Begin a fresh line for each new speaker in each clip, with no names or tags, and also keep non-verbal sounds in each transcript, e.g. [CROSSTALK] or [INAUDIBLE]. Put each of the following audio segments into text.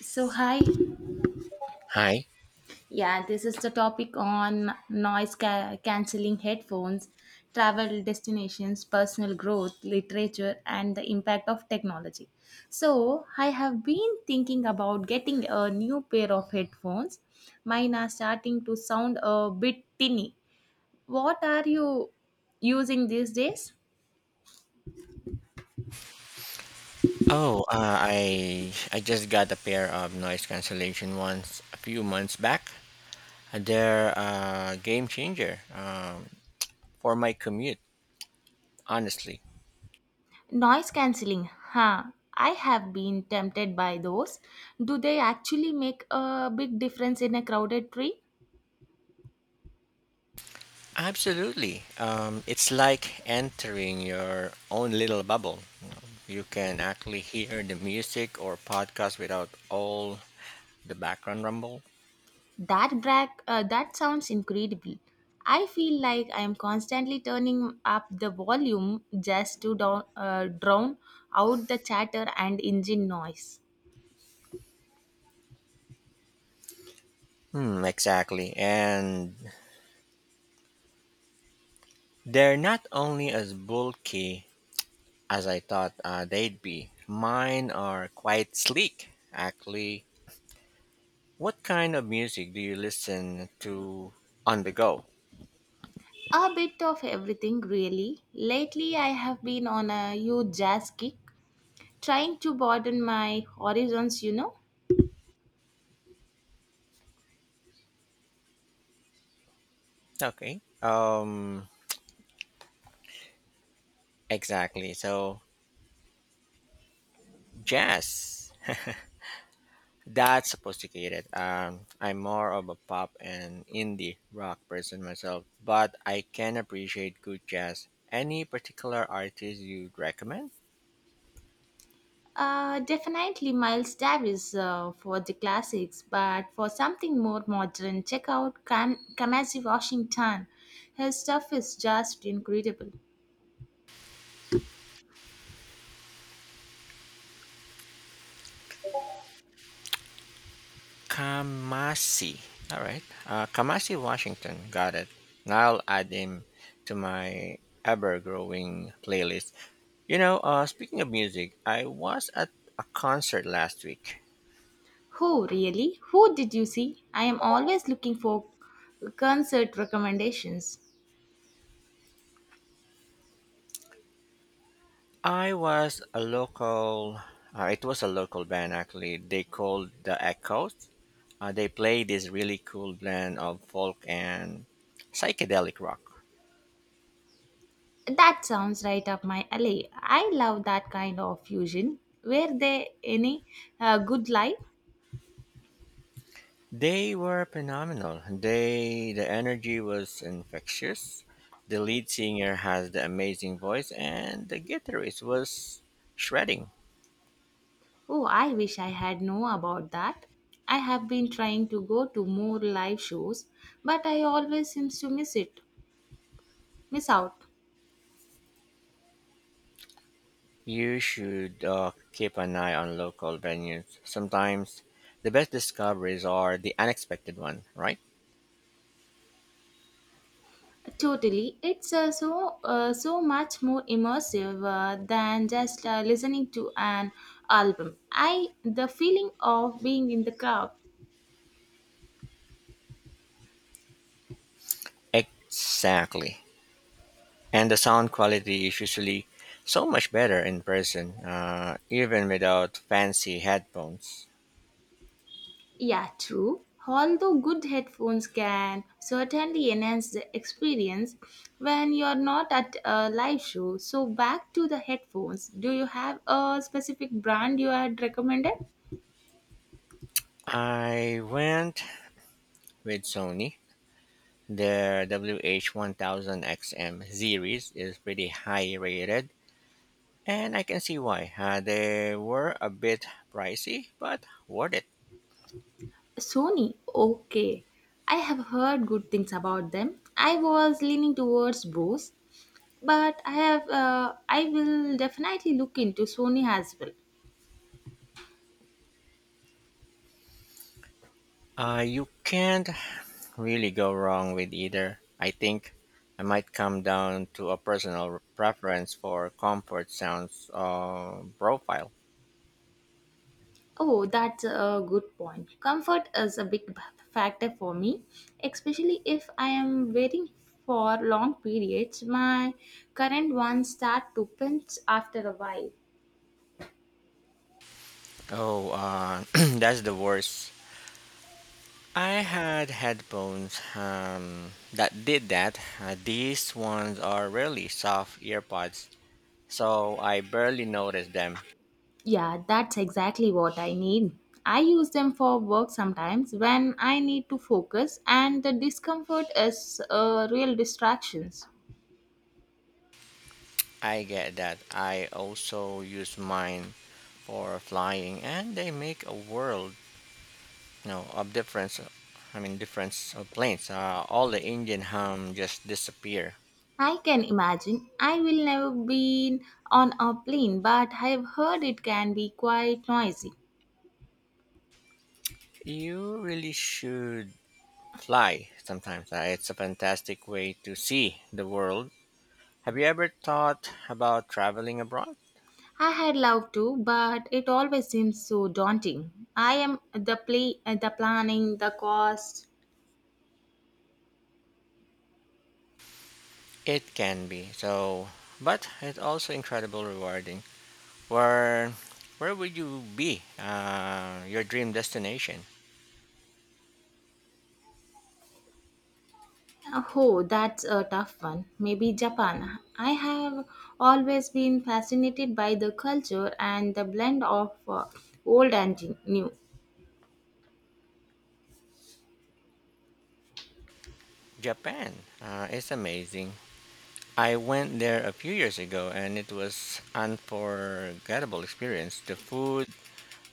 So, hi.
Hi.
Yeah, this is the topic on noise cancelling headphones, travel destinations, personal growth, literature, and the impact of technology. So, I have been thinking about getting a new pair of headphones. Mine are starting to sound a bit tinny. What are you using these days?
Oh, I just got a pair of noise cancellation ones a few months back. They're a game changer for my commute, honestly.
Noise cancelling, huh? I have been tempted by those. Do they actually make a big difference in a crowded tree?
Absolutely. It's like entering your own little bubble. You can actually hear the music or podcast without all the background rumble.
That sounds incredible. I feel like I am constantly turning up the volume just to drown out the chatter and engine noise.
Hmm, exactly. And they're not only as bulky as I thought they'd be. Mine are quite sleek, actually. What kind of music do you listen to on the go?
A bit of everything, really. Lately, I have been on a huge jazz kick, trying to broaden my horizons,
Okay. Exactly. So jazz. That's sophisticated. I'm more of a pop and indie rock person myself, but I can appreciate good jazz. Any particular artist you'd recommend?
Definitely Miles Davis for the classics, but for something more modern, check out Kamasi Washington. Her stuff is just incredible.
Kamasi. All right. Kamasi Washington. Got it. Now I'll add him to my ever growing playlist. Speaking of music, I was at a concert last week.
Who, really? Who did you see? I am always looking for concert recommendations.
I was a local, It was a local band actually. They called The Echoes. They play this really cool blend of folk and psychedelic rock.
That sounds right up my alley. I love that kind of fusion. Were there any good live?
They were phenomenal. The energy was infectious. The lead singer has the amazing voice, and the guitarist was shredding.
Oh, I wish I had known about that. I have been trying to go to more live shows, but I always seems to miss out.
You should keep an eye on local venues. Sometimes the best discoveries are the unexpected one, right?
Totally, it's so much more immersive than just listening to an album. I the feeling of being in the crowd.
Exactly. And the sound quality is usually so much better in person, even without fancy headphones.
Yeah, true. Although good headphones can certainly enhance the experience when you're not at a live show. So, back to the headphones. Do you have a specific brand you had recommended?
I went with Sony. The WH-1000XM series is pretty high rated, and I can see why. They were a bit pricey, but worth it.
Sony. Okay. I have heard good things about them. I was leaning towards Bose, but I will definitely look into Sony as well.
You can't really go wrong with either. I think I might come down to a personal preference for comfort sounds profile.
Oh, that's a good point. Comfort is a big factor for me, especially if I am waiting for long periods. My current ones start to pinch after a while.
Oh, [CLEARS THROAT] that's the worst. I had headphones that did that. These ones are really soft earpods so I barely notice them.
Yeah, that's exactly what I need. I use them for work sometimes when I need to focus, and the discomfort is a real distraction.
I get that. I also use mine for flying, and they make a world, of difference. I mean, difference of planes. All the engine hum just disappear.
I can imagine. I will never been on a plane, but I've heard it can be quite noisy.
You really should fly sometimes. It's a fantastic way to see the world. Have you ever thought about traveling abroad?
I had loved to, but it always seems so daunting. I am the play, The planning, the cost.
It can be so, but it's also incredibly rewarding. Where where would you be? Your dream destination?
Oh, that's a tough one. Maybe Japan. I have always been fascinated by the culture and the blend of old and new.
Japan. It's amazing. I went there a few years ago and it was unforgettable experience. The food,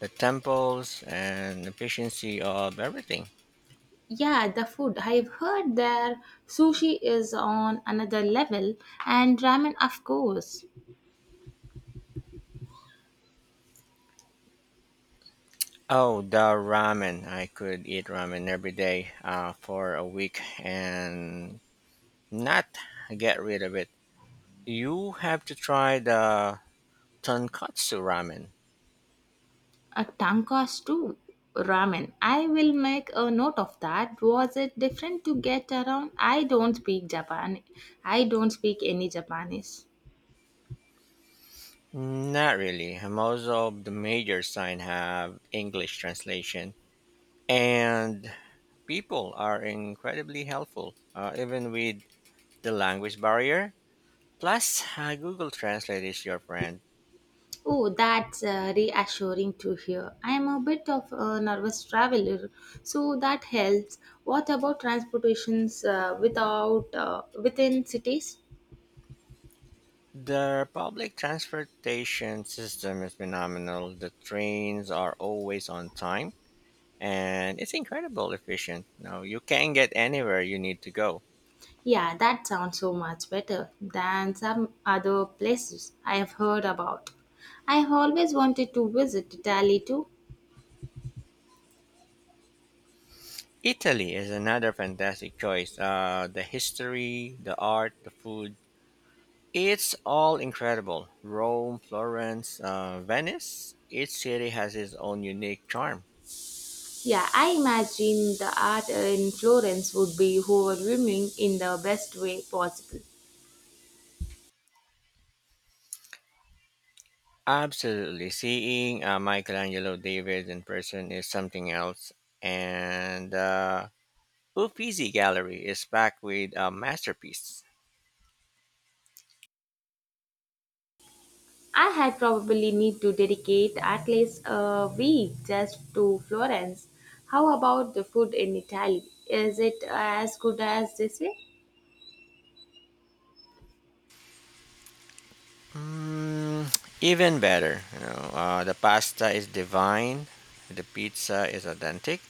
the temples, and efficiency of everything.
Yeah, the food. I've heard their sushi is on another level, and ramen, of course.
Oh, the ramen. I could eat ramen every day for a week and not get rid of it. You have to try the tonkatsu ramen.
A tankas too. Ramen. I will make a note of that. Was it different to get around? I don't speak any Japanese.
Mm, not really. Most of the major signs have English translation, and people are incredibly helpful, even with the language barrier. Plus, Google Translate is your friend.
Oh, that's reassuring to hear. I am a bit of a nervous traveler, so that helps. What about transportations without within cities?
The public transportation system is phenomenal. The trains are always on time, and it's incredible efficient. Now you can get anywhere you need to go.
Yeah, that sounds so much better than some other places I have heard about. I have always wanted to visit Italy too.
Italy is another fantastic choice. The history, the art, the food. It's all incredible. Rome, Florence, Venice, each city has its own unique charm.
Yeah, I imagine the art in Florence would be overwhelming in the best way possible.
Absolutely. Seeing Michelangelo David in person is something else. And Uffizi Gallery is packed with masterpieces.
I had probably need to dedicate at least a week just to Florence. How about the food in Italy? Is it as good as they say?
Mm, even better. The pasta is divine. The pizza is authentic.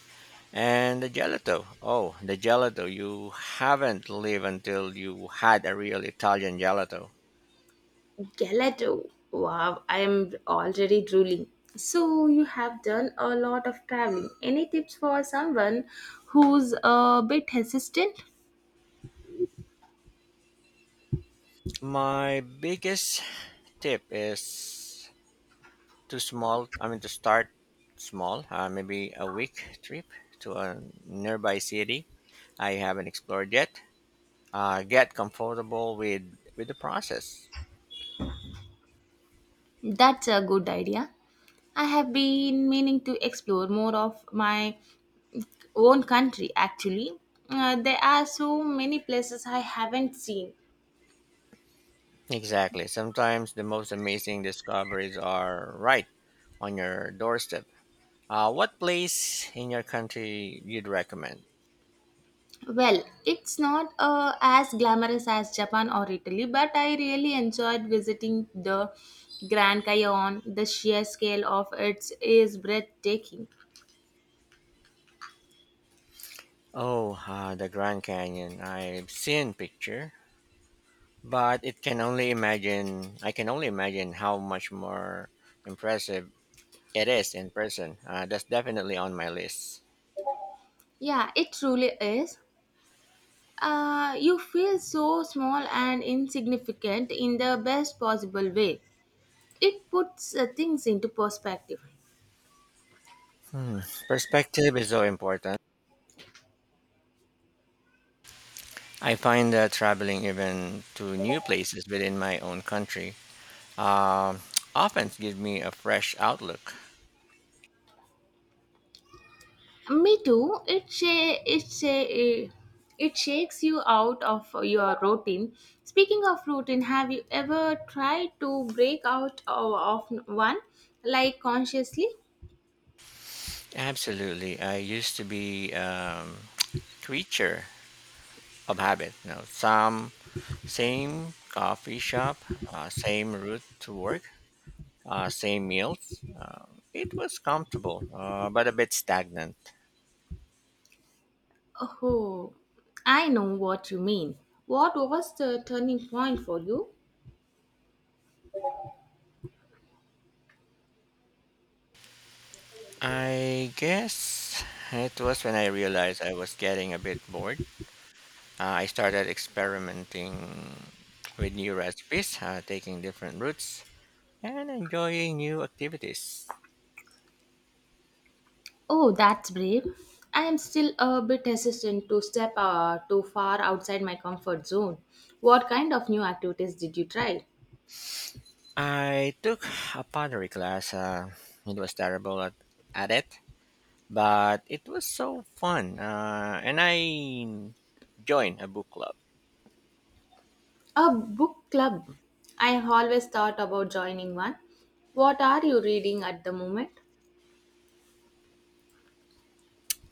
And the gelato. Oh, the gelato. You haven't lived until you had a real Italian gelato.
Gelato. Wow, I am already drooling. So you have done a lot of traveling. Any tips for someone who's a bit hesitant?
My biggest tip is to start small, maybe a week trip to a nearby city I haven't explored yet. Get comfortable with the process.
That's a good idea. I have been meaning to explore more of my own country actually. There are so many places I haven't seen.
Exactly. Sometimes the most amazing discoveries are right on your doorstep. What place in your country you'd recommend?
Well, it's not as glamorous as Japan or Italy, but I really enjoyed visiting the Grand Canyon. The sheer scale of it is breathtaking.
Oh, the Grand Canyon. I've seen picture, but it can only imagine. I can only imagine how much more impressive it is in person. That's definitely on my list.
Yeah, it truly is. You feel so small and insignificant in the best possible way. It puts things into perspective.
Hmm. Perspective is so important. I find that traveling even to new places within my own country um [TSK] often gives me a fresh outlook.
Me too. It shakes you out of your routine. Speaking of routine, have you ever tried to break of one, like consciously?
Absolutely. I used to be creature of habit. You know, some Same coffee shop, same route to work, same meals. It was comfortable, but a bit stagnant.
Oh, I know what you mean. What was the turning point for you?
I guess it was when I realized I was getting a bit bored. I started experimenting with new recipes, taking different routes, and enjoying new activities.
Oh, that's brave. I am still a bit hesitant to step too far outside my comfort zone. What kind of new activities did you try?
I took a pottery class. It was terrible at it, but it was so fun and I joined a book club.
A book club. I have always thought about joining one. What are you reading at the moment?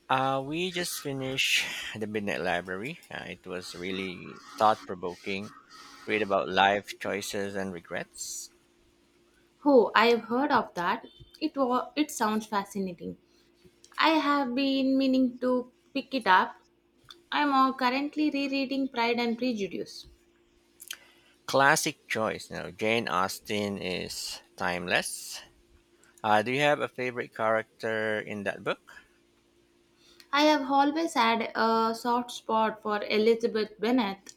We just finished [LAUGHS] The Midnight Library. It was really thought-provoking read about life choices and regrets.
Oh, I have heard of that. It sounds fascinating. I have been meaning to pick it up. I am currently rereading Pride and Prejudice.
Classic choice. Now Jane Austen is timeless. Do you have a favorite character in that book?
I have always had a soft spot for Elizabeth Bennet.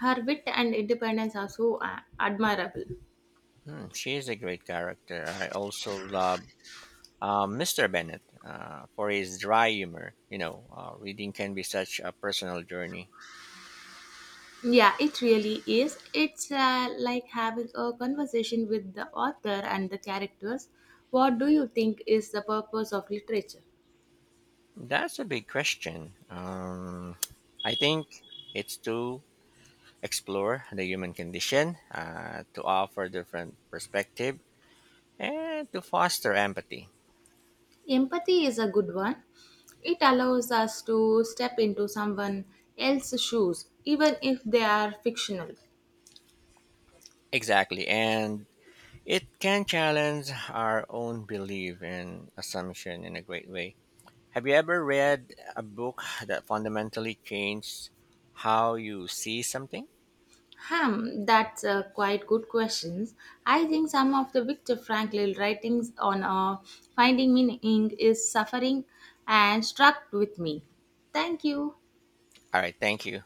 Her wit and independence are so admirable.
Hmm, she is a great character. I also love Mr. Bennett for his dry humor. Reading can be such a personal journey.
Yeah, it really is. It's like having a conversation with the author and the characters. What do you think is the purpose of literature?
That's a big question. I think it's to explore the human condition, to offer different perspective, and to foster empathy.
Empathy is a good one. It allows us to step into someone else's shoes, even if they are fictional.
Exactly, and it can challenge our own belief and assumption in a great way. Have you ever read a book that fundamentally changed how you see something?
Hmm, that's quite good questions. I think some of the Viktor Frankl writings on finding meaning is suffering and struck with me. Thank you.
All right, thank you.